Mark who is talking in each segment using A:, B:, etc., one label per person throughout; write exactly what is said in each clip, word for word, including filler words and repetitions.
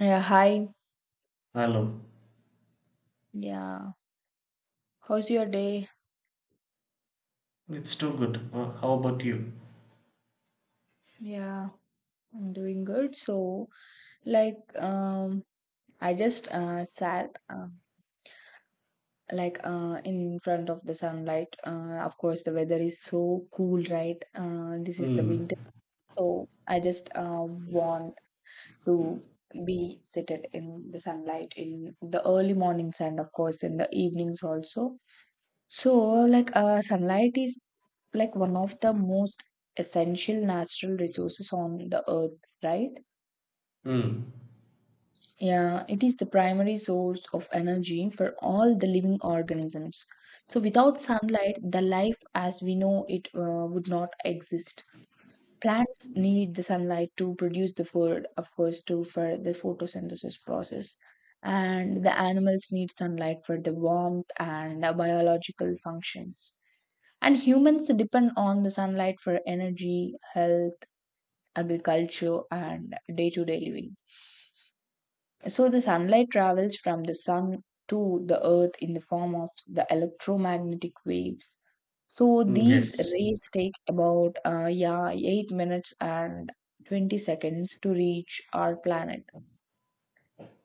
A: Yeah, hi.
B: Hello.
A: Yeah. How's your day?
B: It's too good. Uh, how about you?
A: Yeah, I'm doing good. So, like, um, I just uh, sat uh, like uh, in front of the sunlight. Uh, of course, the weather is so cool, right? Uh, this is the
B: Hmm.
A: winter. So, I just uh, want to be seated in the sunlight in the early mornings and, of course, in the evenings also. So, like, uh, sunlight is like one of the most essential natural resources on the earth, right?
B: Hmm.
A: Yeah, it is the primary source of energy for all the living organisms. So, without sunlight, the life as we know it uh, would not exist. Plants need the sunlight to produce the food, of course, too, for the photosynthesis process. And the animals need sunlight for the warmth and uh, biological functions. And humans depend on the sunlight for energy, health, agriculture, and day to day living. So, the sunlight travels from the sun to the earth in the form of the electromagnetic waves. So,
B: Mm,
A: these
B: yes.
A: rays take about uh, yeah, eight minutes and twenty seconds to reach our planet.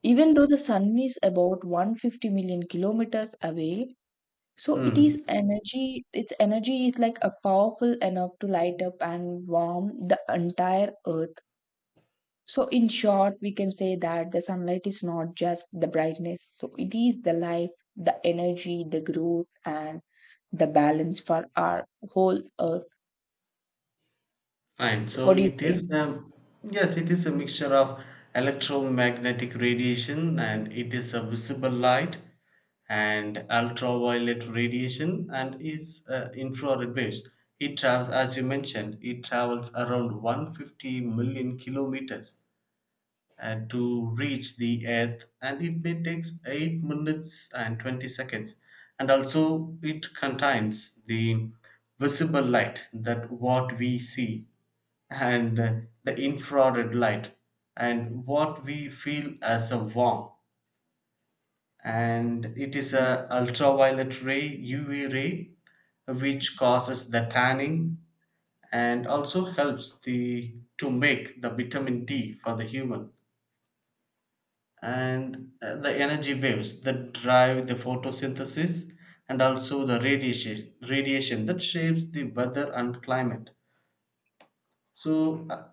A: Even though the sun is about one hundred fifty million kilometers away, so it
B: Hmm.
A: is energy, its energy is like a powerful enough to light up and warm the entire earth. So in short, we can say that the sunlight is not just the brightness. So it is the life, the energy, the growth, and the balance for our whole earth.
B: Fine. So
A: What do you
B: it
A: say?
B: is um, yes, it is a mixture of electromagnetic radiation, and it is a visible light and ultraviolet radiation, and is uh, infrared waves. It travels, as you mentioned, it travels around one hundred fifty million kilometers and to reach the earth, and it may takes eight minutes and twenty seconds. And also it contains the visible light that what we see, and uh, the infrared light and what we feel as a warm, and it is a ultraviolet ray uv ray which causes the tanning and also helps the to make the vitamin d for the human. And uh, the energy waves that drive the photosynthesis, and also the radiation radiation that shapes the weather and climate. So uh,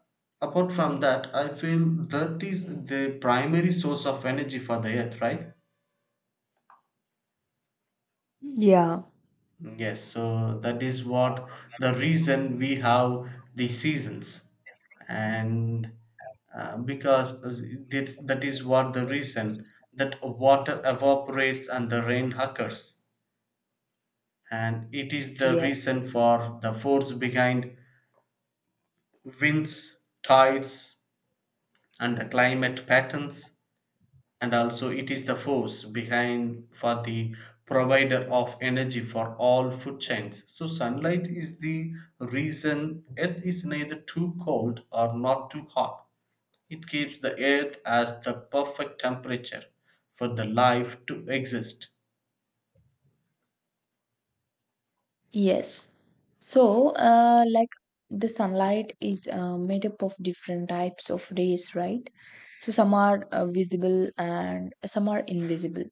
B: apart from that I feel that is the primary source of energy for the earth, right?
A: Yeah.
B: Yes, so that is what the reason we have the seasons, and uh, because uh, that that is what the reason that water evaporates and the rain occurs. And it is the
A: Yes.
B: reason for the force behind winds, tides, and the climate patterns, and also it is the force behind for the provider of energy for all food chains. So, sunlight is the reason Earth is neither too cold or not too hot. It keeps the Earth as the perfect temperature for the life to exist.
A: Yes. So, uh, like the sunlight is uh, made up of different types of rays, right? So, some are uh, visible and some are invisible.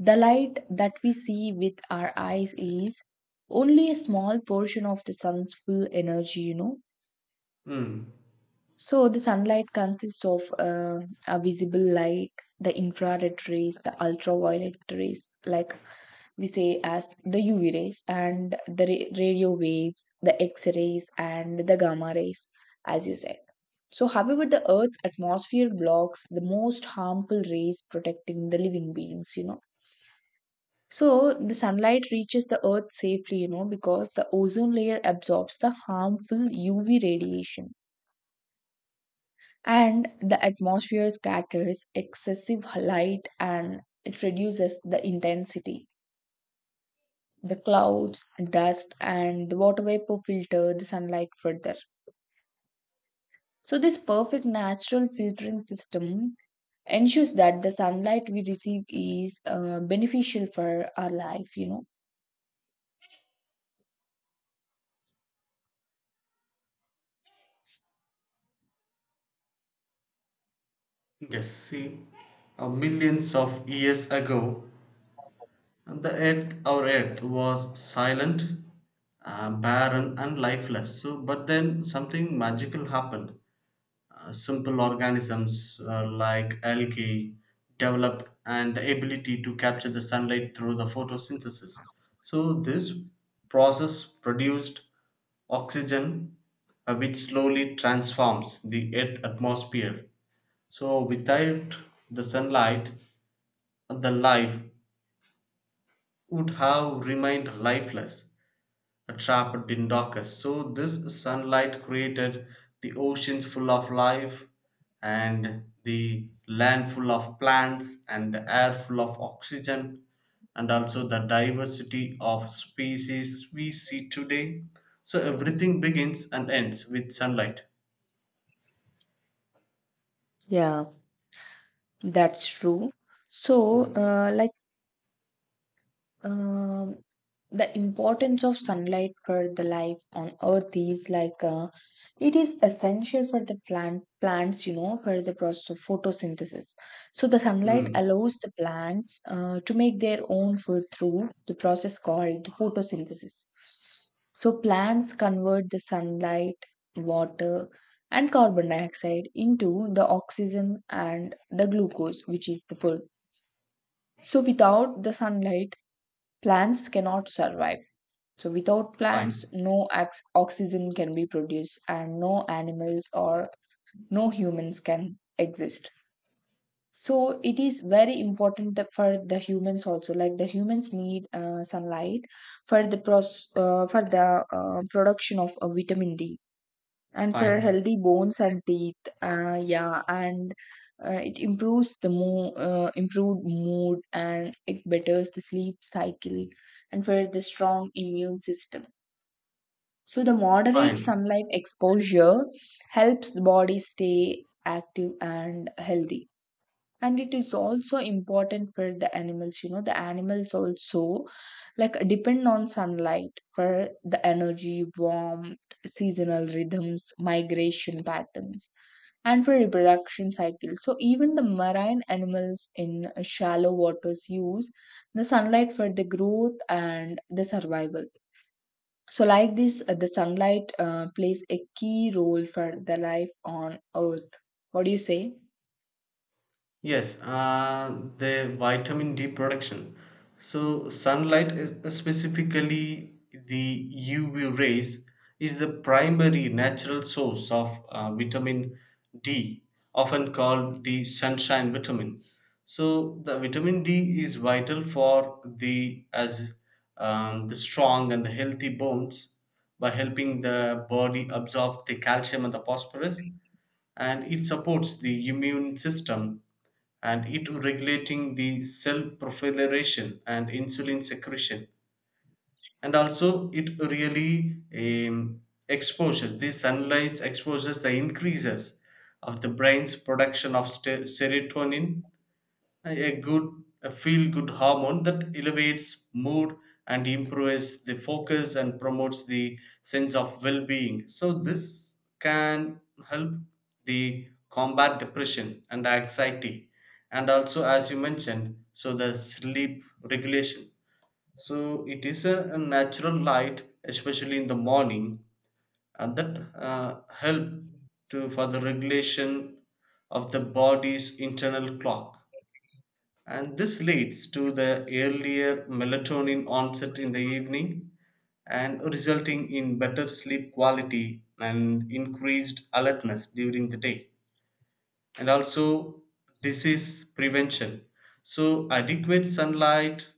A: The light that we see with our eyes is only a small portion of the sun's full energy, you know.
B: Hmm.
A: So, the sunlight consists of uh, a visible light, the infrared rays, the ultraviolet rays, like we say as the U V rays and the ra- radio waves, the X rays and the gamma rays, as you said. So, however, the Earth's atmosphere blocks the most harmful rays, protecting the living beings, you know. So, the sunlight reaches the Earth safely, you know, because the ozone layer absorbs the harmful U V radiation and the atmosphere scatters excessive light and it reduces the intensity, the clouds, dust, and the water vapor filter the sunlight further. So, this perfect natural filtering system ensures that the sunlight we receive is uh, beneficial for our life, you know.
B: Yes, see, uh, millions of years ago, and the earth, our earth, was silent, uh, barren, and lifeless. So, but then something magical happened. Uh, simple organisms uh, like algae developed and the ability to capture the sunlight through the photosynthesis. So, this process produced oxygen, uh, which slowly transforms the earth atmosphere. So, without the sunlight, the life would have remained lifeless, trapped in darkness. So this sunlight created the oceans full of life and the land full of plants and the air full of oxygen and also the diversity of species we see today. So everything begins and ends with sunlight.
A: Yeah. That's true. So, uh, like Um, the importance of sunlight for the life on earth is like uh, it is essential for the plant plants you know for the process of photosynthesis. So the sunlight
B: Hmm.
A: allows the plants uh, to make their own food through the process called photosynthesis. So plants convert the sunlight, water, and carbon dioxide into the oxygen and the glucose, which is the food. So without the sunlight, plants cannot survive. So, without plants,
B: Fine,
A: no ox- oxygen can be produced, and no animals or no humans can exist. So, it is very important that for the humans also. Like the humans need uh, sunlight for the pros- uh, for the uh, production of uh, vitamin D and for
B: fine,
A: healthy bones and teeth uh, yeah and uh, it improves the mo- uh, improved mood and it betters the sleep cycle and for the strong immune system. So the moderate
B: fine.
A: sunlight exposure helps the body stay active and healthy. And it is also important for the animals, you know, the animals also like depend on sunlight for the energy, warmth, seasonal rhythms, migration patterns, and for reproduction cycles. So even the marine animals in shallow waters use the sunlight for the growth and the survival. So like this, uh, the sunlight uh, plays a key role for the life on earth. What do you say?
B: Yes, uh, the vitamin D production. So sunlight is specifically the U V rays is the primary natural source of uh, vitamin D, often called the sunshine vitamin. So the vitamin D is vital for the as um, the strong and the healthy bones by helping the body absorb the calcium and the phosphorus, and it supports the immune system and it regulating the cell proliferation and insulin secretion. And also it really um, exposure this sunlight exposures the increases of the brain's production of ste- serotonin, a a good, a feel good hormone that elevates mood and improves the focus and promotes the sense of well being. So this can help the combat depression and anxiety. And also, as you mentioned, so the sleep regulation. So it is a, a natural light especially in the morning, and that uh, help to for the regulation of the body's internal clock. And this leads to the earlier melatonin onset in the evening and resulting in better sleep quality and increased alertness during the day. And also disease prevention. So, adequate sunlight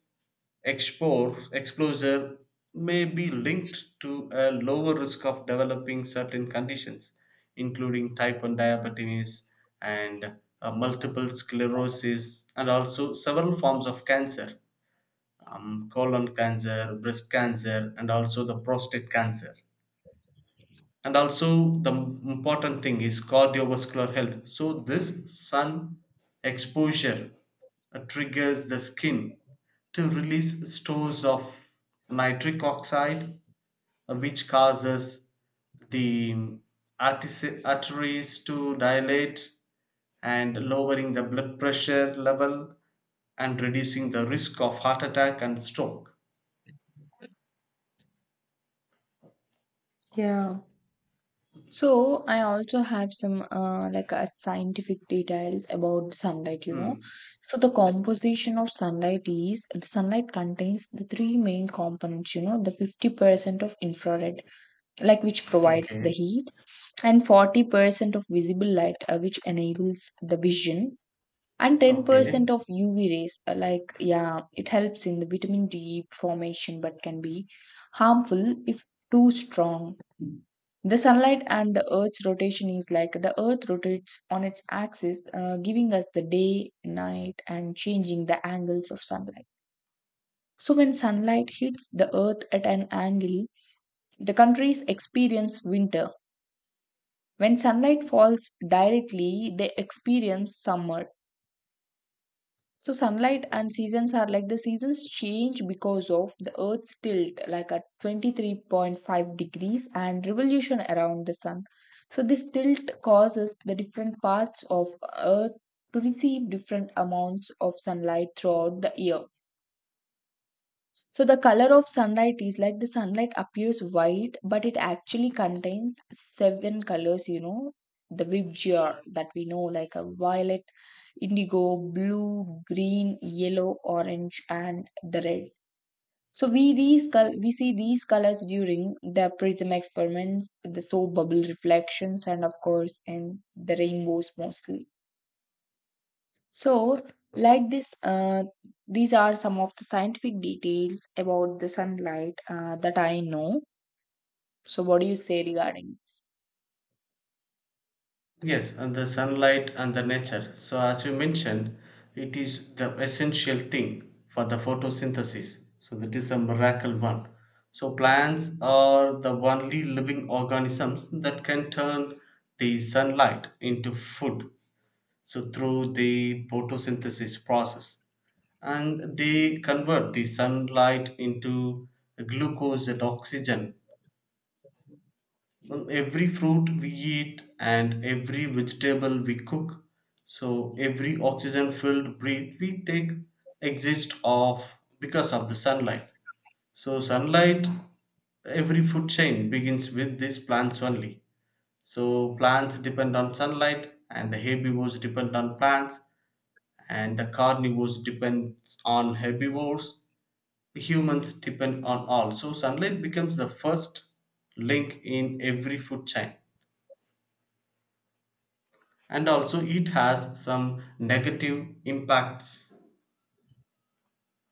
B: expo- exposure may be linked to a lower risk of developing certain conditions, including type one diabetes and uh, multiple sclerosis, and also several forms of cancer, um, colon cancer, breast cancer, and also the prostate cancer. And also the m- important thing is cardiovascular health. So this sun exposure uh, triggers the skin to release stores of nitric oxide, uh, which causes the artis- arteries to dilate and lowering the blood pressure level and reducing the risk of heart attack and stroke.
A: Yeah. So I also have some uh, like uh, scientific details about sunlight, you know.
B: Hmm.
A: So the composition of sunlight is the sunlight contains the three main components, you know, the fifty percent of infrared, like which provides the
B: Okay,
A: heat, and forty percent of visible light, uh, which enables the vision, and
B: okay.
A: ten percent of U V rays. uh, Like, yeah, it helps in the vitamin D formation but can be harmful if too strong. The sunlight and the Earth's rotation is like the Earth rotates on its axis, uh, giving us the day, night, and changing the angles of sunlight. So, when sunlight hits the Earth at an angle, the countries experience winter. When sunlight falls directly, they experience summer. So sunlight and seasons are like the seasons change because of the Earth's tilt, like at twenty-three point five degrees, and revolution around the sun. So this tilt causes the different parts of Earth to receive different amounts of sunlight throughout the year. So the color of sunlight is like the sunlight appears white, but it actually contains seven colors, you know, the Vibgyor that we know, like a violet, indigo, blue, green, yellow, orange, and the red. So we these col- we see these colors during the prism experiments, the soap bubble reflections, and of course in the rainbows mostly. So, like this, uh, these are some of the scientific details about the sunlight uh, that I know. So, what do you say regarding this?
B: Yes, and the sunlight and the nature. So, as you mentioned, it is the essential thing for the photosynthesis. So, that is a miracle one. So, plants are the only living organisms that can turn the sunlight into food. So, through the photosynthesis process, and they convert the sunlight into glucose and oxygen. Mm, every fruit we eat and every vegetable we cook, so every oxygen filled breath we take exist of, because of the sunlight. So sunlight, every food chain begins with these plants only. So plants depend on sunlight, and the herbivores depend on plants, and the carnivores depends on herbivores, humans depend on all. So sunlight becomes the first link in every food chain. And also it has some negative impacts.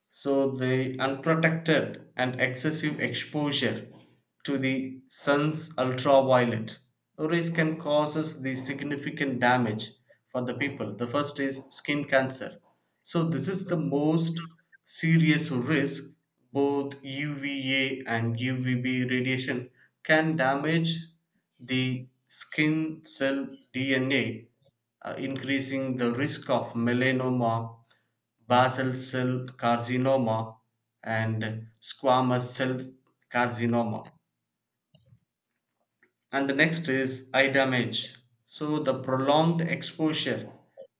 B: So the unprotected and excessive exposure to the sun's ultraviolet rays can causes the significant damage for the people. The first is skin cancer. So this is the most serious risk. Both uva and uvb radiation can damage the skin cell dna, uh, increasing the risk of melanoma, basal cell carcinoma, and squamous cell carcinoma. And the next is eye damage. So, the prolonged exposure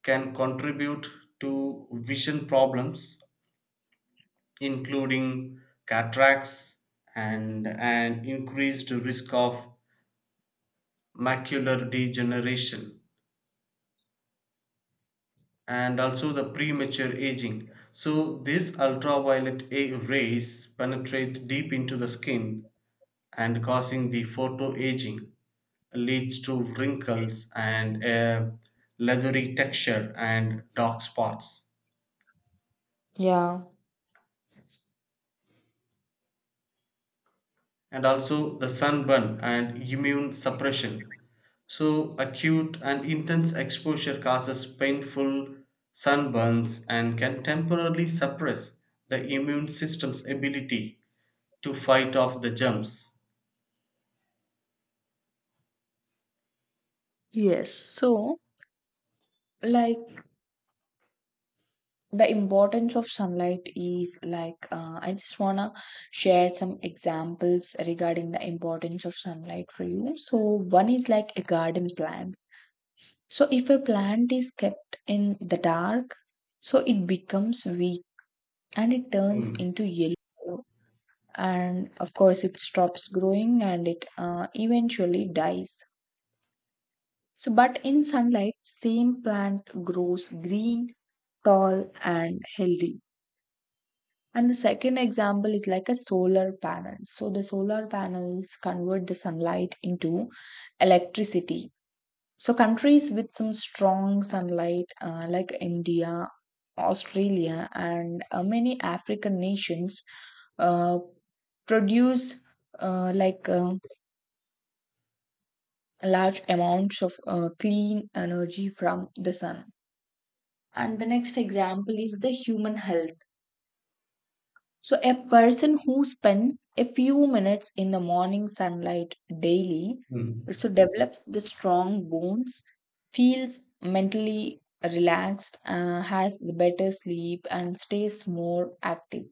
B: can contribute to vision problems, including cataracts and an increased risk of macular degeneration, and also the premature aging. So, these ultraviolet a- rays penetrate deep into the skin, and causing the photo aging leads to wrinkles and a leathery texture and dark spots,
A: Yeah.
B: and also the sunburn and immune suppression. So acute and intense exposure causes painful sunburns and can temporarily suppress the immune system's ability to fight off the germs.
A: Yes, so like the importance of sunlight is like uh, I just wanna share some examples regarding the importance of sunlight for you. So one is like a garden plant. So if a plant is kept in the dark, so it becomes weak and it turns
B: Hmm.
A: into yellow color, and of course it stops growing and it uh, eventually dies. So but in sunlight same plant grows green, tall, and healthy. And the second example is like a solar panel. So the solar panels convert the sunlight into electricity. So countries with some strong sunlight uh, like India, Australia, and uh, many African nations uh, produce uh, like uh, large amounts of uh, clean energy from the sun. And the next example is the human health. So, a person who spends a few minutes in the morning sunlight daily,
B: Hmm.
A: so develops the strong bones, feels mentally relaxed, uh, has the better sleep, and stays more active.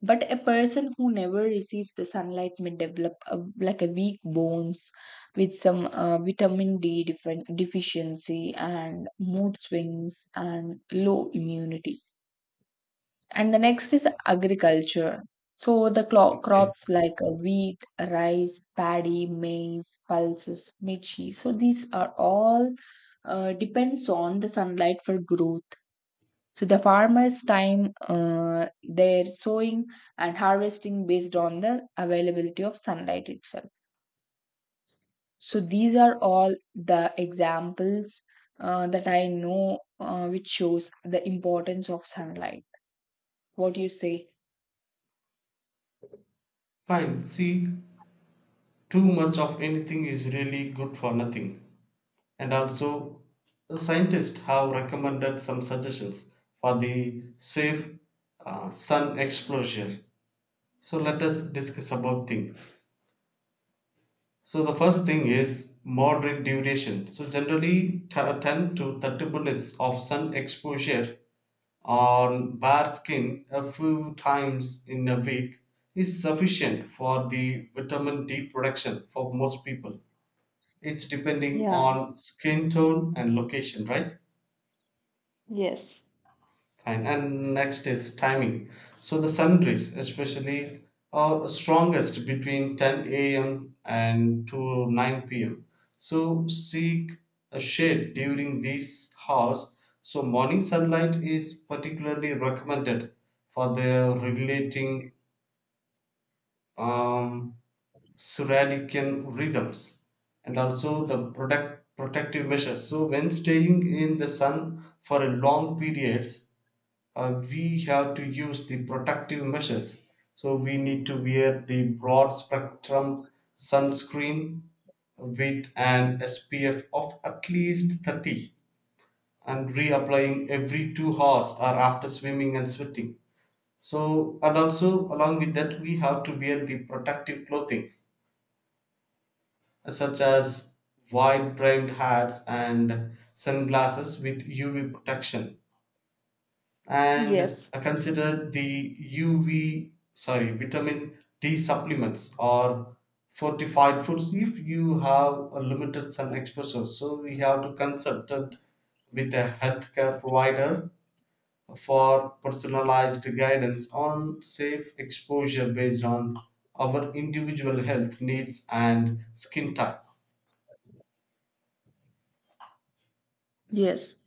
A: But a person who never receives the sunlight may develop a, like a weak bones with some uh, vitamin D defen- deficiency and mood swings and low immunity. And the next is agriculture. So the clo-
B: Okay.
A: crops like uh, wheat, rice, paddy, maize, pulses, mirchi. So these are all uh, depends on the sunlight for growth. So the farmers' time, uh, their sowing and harvesting based on the availability of sunlight itself. So these are all the examples uh, that I know, uh, which shows the importance of sunlight. What do you say?
B: Fine. See, too much of anything is really good for nothing. And also scientists have recommended some suggestions for the safe uh, sun exposure. So let us discuss about thing. So the first thing is moderate duration. So generally t- ten to thirty minutes of sun exposure on bare skin a few times in a week is sufficient for the vitamin D production for most people. It's depending
A: Yeah,
B: on skin tone and location, right?
A: yes.
B: Fine. And next is timing. So the sundries, especially, are strongest between ten a m and to nine p m. So seek a shade during these hours. So morning sunlight is particularly recommended for the regulating um, circadian rhythms. And also the product protective measures. So when staying in the sun for a long periods, uh, we have to use the protective measures. So we need to wear the broad spectrum sunscreen with an S P F of at least thirty and reapplying every two hours or after swimming and sweating. So, and also along with that, we have to wear the protective clothing, uh, such as wide brimmed hats and sunglasses with U V protection, and
A: Yes,
B: uh, consider the U V sorry vitamin D supplements or fortified foods if you have a limited sun exposure. So we have to consult it with a healthcare provider for personalized guidance on safe exposure based on our individual health needs and skin type.
A: yes.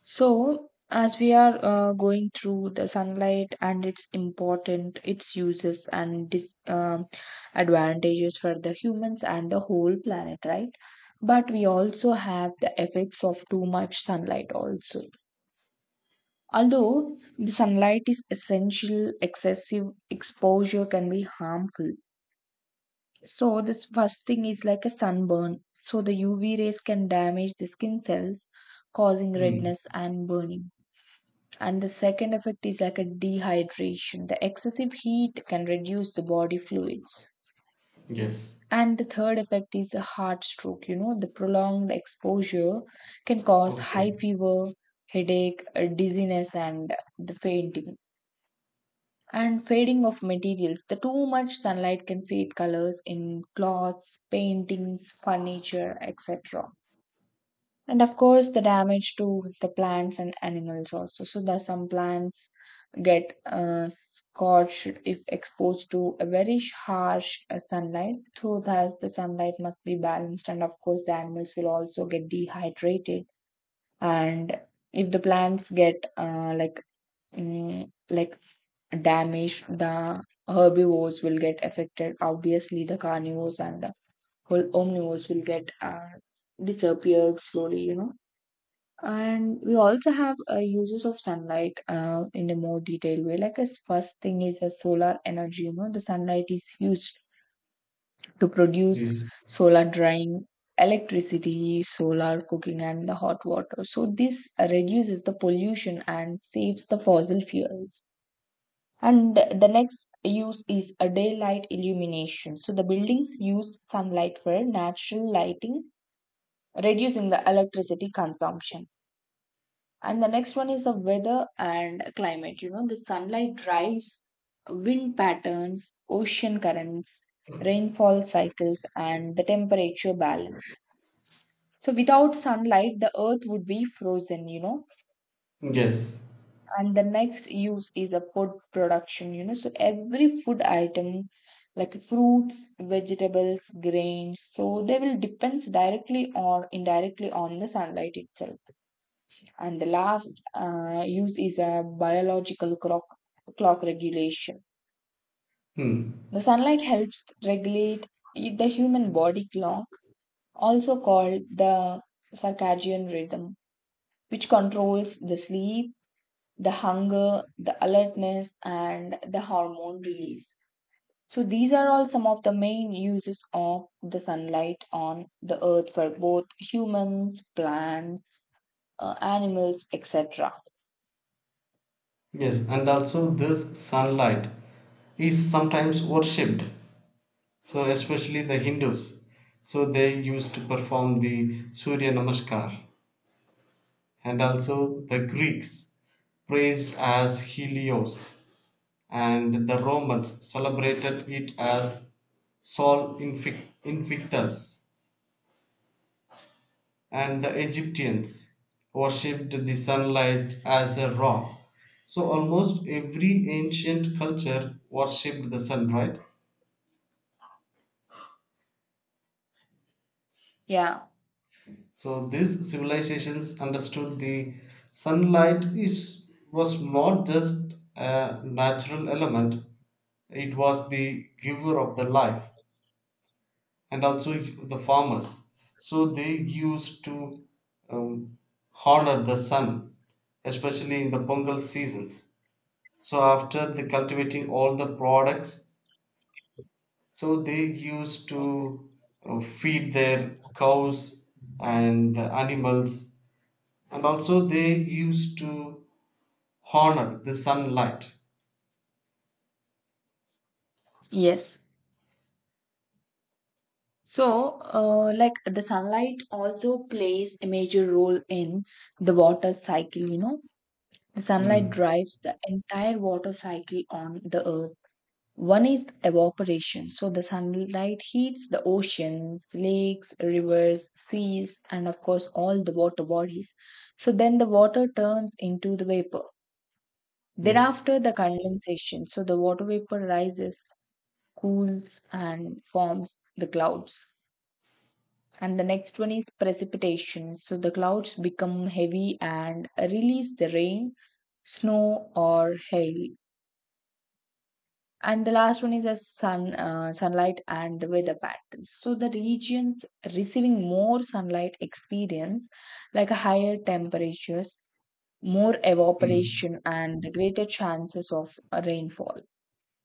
A: So, as we are uh, going through the sunlight and its important, its uses and dis um advantages for the humans and the whole planet, right? But we also have the effects of too much sunlight also. Although the sunlight is essential, excessive exposure can be harmful. So this first thing is like a sunburn. So the U V rays can damage the skin cells, causing
B: Hmm.
A: redness and burning. And the second effect is like a dehydration. The excessive heat can reduce the body fluids.
B: Yes.
A: And the third effect is a heart stroke. You know, the prolonged exposure can cause high
B: Okay.
A: fever, headache, uh, dizziness, and the fainting and fading of materials. The too much sunlight can fade colors in cloths, paintings, furniture, et cetera. And of course, the damage to the plants and animals also. So, the, some plants get uh, scorched if exposed to a very harsh uh, sunlight. So, thus, the sunlight must be balanced, and of course, the animals will also get dehydrated. And if the plants get uh, like mm, like damaged, the herbivores will get affected. Obviously, the carnivores and the whole omnivores will get uh, disappeared slowly, you know. And we also have uh, uses of sunlight uh, in a more detailed way. Like, as first thing is the solar energy, you know, the sunlight is used to produce
B: Please.
A: solar drying, electricity, solar cooking, and the hot water. So, this reduces the pollution and saves the fossil fuels. And the next use is a daylight illumination. So the buildings use sunlight for natural lighting, reducing the electricity consumption. And the next one is the weather and climate. You know, the sunlight drives wind patterns, ocean currents, rainfall cycles, and the temperature balance. So without sunlight, the earth would be frozen, you know.
B: Yes.
A: And the next use is a food production, you know, so every food item like fruits, vegetables, grains, so they will depends directly or indirectly on the sunlight itself. And the last uh, use is a biological clock clock regulation.
B: Hmm.
A: The sunlight helps regulate the human body clock, also called the circadian rhythm, which controls the sleep, the hunger, the alertness, and the hormone release. So, these are all some of the main uses of the sunlight on the earth for both humans, plants, uh, animals, et cetera.
B: Yes, and also this sunlight is sometimes worshipped. So especially the Hindus. So they used to perform the Surya Namaskar. And also the Greeks praised as Helios. And the Romans celebrated it as Sol Infic- Invictus. And the Egyptians worshipped the sunlight as a Ra. So almost every ancient culture worshipped the sun, right?
A: Yeah,
B: So these civilizations understood the sunlight is was not just a natural element, it was the giver of the life, and also the farmers. So they used to um, honor the sun, especially in the Pongal seasons. So after the cultivating all the products, so they used to uh, feed their cows and the animals, and also they used to honor the sunlight.
A: yes. So, uh, like the sunlight also plays a major role in the water cycle, you know. The sunlight
B: Mm.
A: drives the entire water cycle on the earth. One is evaporation. So the sunlight heats the oceans, lakes, rivers, seas, and of course all the water bodies. So then the water turns into the vapor. Then
B: Yes.
A: after the condensation, so the water vapor rises, cools, and forms the clouds. And the next one is precipitation. So the clouds become heavy and release the rain, snow, or hail. And the last one is a sun uh, sunlight and the weather patterns, so the regions receiving more sunlight experience like a higher temperatures, more
B: Mm.
A: evaporation, and the greater chances of a rainfall.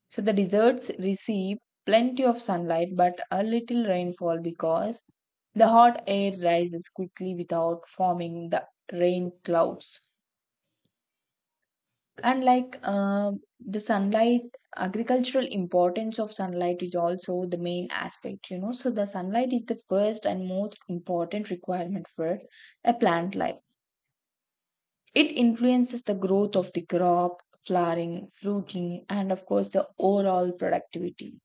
A: So the deserts receive plenty of sunlight but a little rainfall because the hot air rises quickly without forming the rain clouds. And like uh, the sunlight, agricultural importance of sunlight is also the main aspect, you know. So the sunlight is the first and most important requirement for a plant life. It influences the growth of the crop, flowering, fruiting, and of course the overall productivity.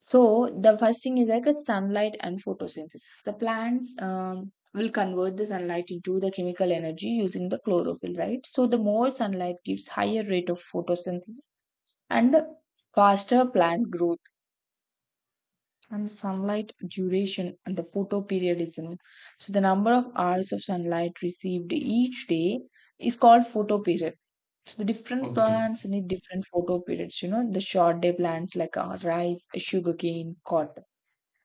A: So the first thing is like a sunlight and photosynthesis. The plants um, will convert the sunlight into the chemical energy using the chlorophyll, right? So the more sunlight gives higher rate of photosynthesis and the faster plant growth, and sunlight duration and the photoperiodism. So the number of hours of sunlight received each day is called photoperiod. So the different
B: Okay.
A: plants need different photoperiods. You know, the short day plants like uh, rice, sugarcane, cotton,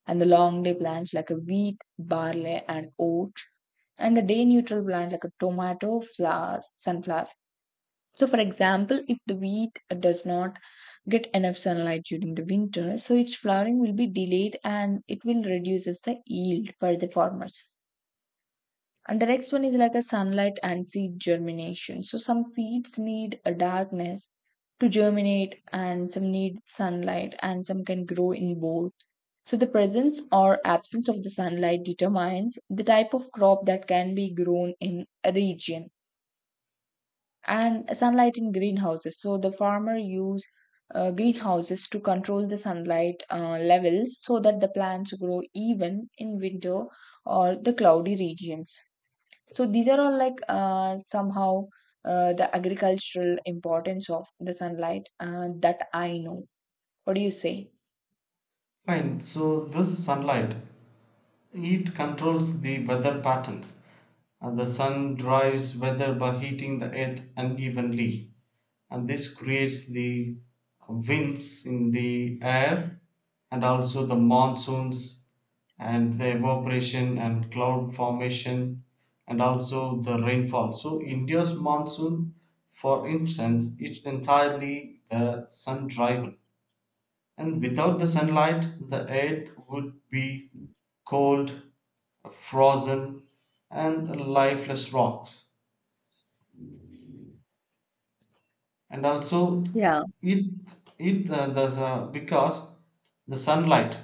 A: and the long day plants like a wheat, barley, and oats, and the day neutral plant like a tomato, flower, sunflower. So, for example, if the wheat does not get enough sunlight during the winter, so its flowering will be delayed and it will reduces the yield for the farmers. And the next one is like a sunlight and seed germination. So some seeds need a darkness to germinate and some need sunlight and some can grow in both. So, the presence or absence of the sunlight determines the type of crop that can be grown in a region. And sunlight in greenhouses. So, the farmer use uh, greenhouses to control the sunlight uh, levels so that the plants grow even in winter or the cloudy regions. So, these are all like uh, somehow uh, the agricultural importance of the sunlight uh, that I know. What do you say?
B: Fine. So this sunlight, it controls the weather patterns. And the sun drives weather by heating the earth unevenly, and this creates the winds in the air and also the monsoons and the evaporation and cloud formation and also the rainfall. So India's monsoon, for instance, is entirely the sun driven. And without the sunlight, the earth would be cold, frozen, and lifeless rocks. And also, it it uh, there's a, because the sunlight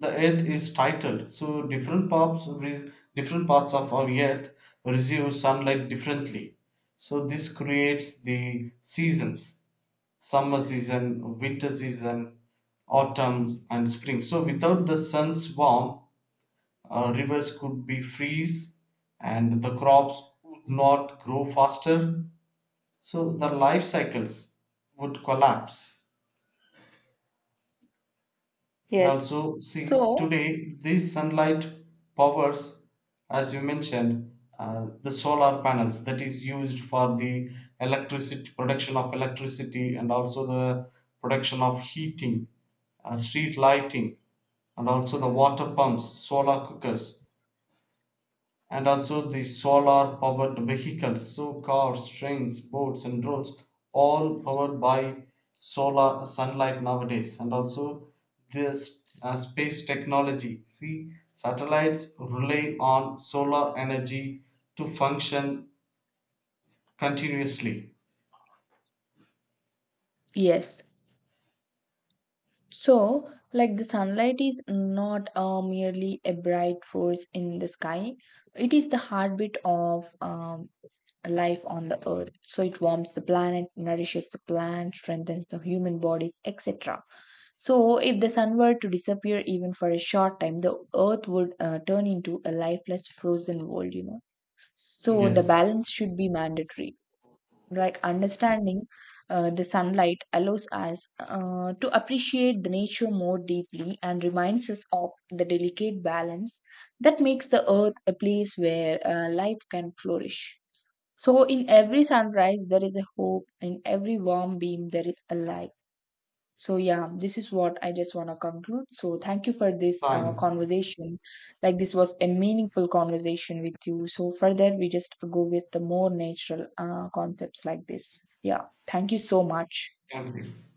B: the earth is titled, so different parts re- different parts of our earth receive sunlight differently. So this creates the seasons, summer season, winter season, autumn and spring. So without the sun's warmth, uh, rivers could be freeze and the crops would not grow faster. So the life cycles would collapse. And also, see,
A: So,
B: today these sunlight powers, as you mentioned, uh, the solar panels that is used for the electricity production of electricity, and also the production of heating, uh, street lighting, and also the water pumps, solar cookers, and also the solar powered vehicles. So cars, trains, boats, and roads all powered by solar sunlight nowadays. And also this uh, space technology, see, satellites rely on solar energy to function continuously.
A: yes. So, like the sunlight is not uh, merely a bright force in the sky, it is the heartbeat of um, life on the earth. So, it warms the planet, nourishes the plant, strengthens the human bodies, et cetera. So, if the sun were to disappear even for a short time, the earth would uh, turn into a lifeless, frozen world, you know. So, the
B: Yes.
A: balance should be mandatory, like understanding uh, the sunlight allows us uh, to appreciate the nature more deeply and reminds us of the delicate balance that makes the earth a place where uh, life can flourish. So in every sunrise there is a hope, in every warm beam there is a light. So yeah, this is what I just want to conclude. So thank you for this uh,
B: Fine.
A: conversation. Like this was a meaningful conversation with you. So further, we just go with the more natural uh, concepts like this. Yeah, thank you so much.
B: Thank you.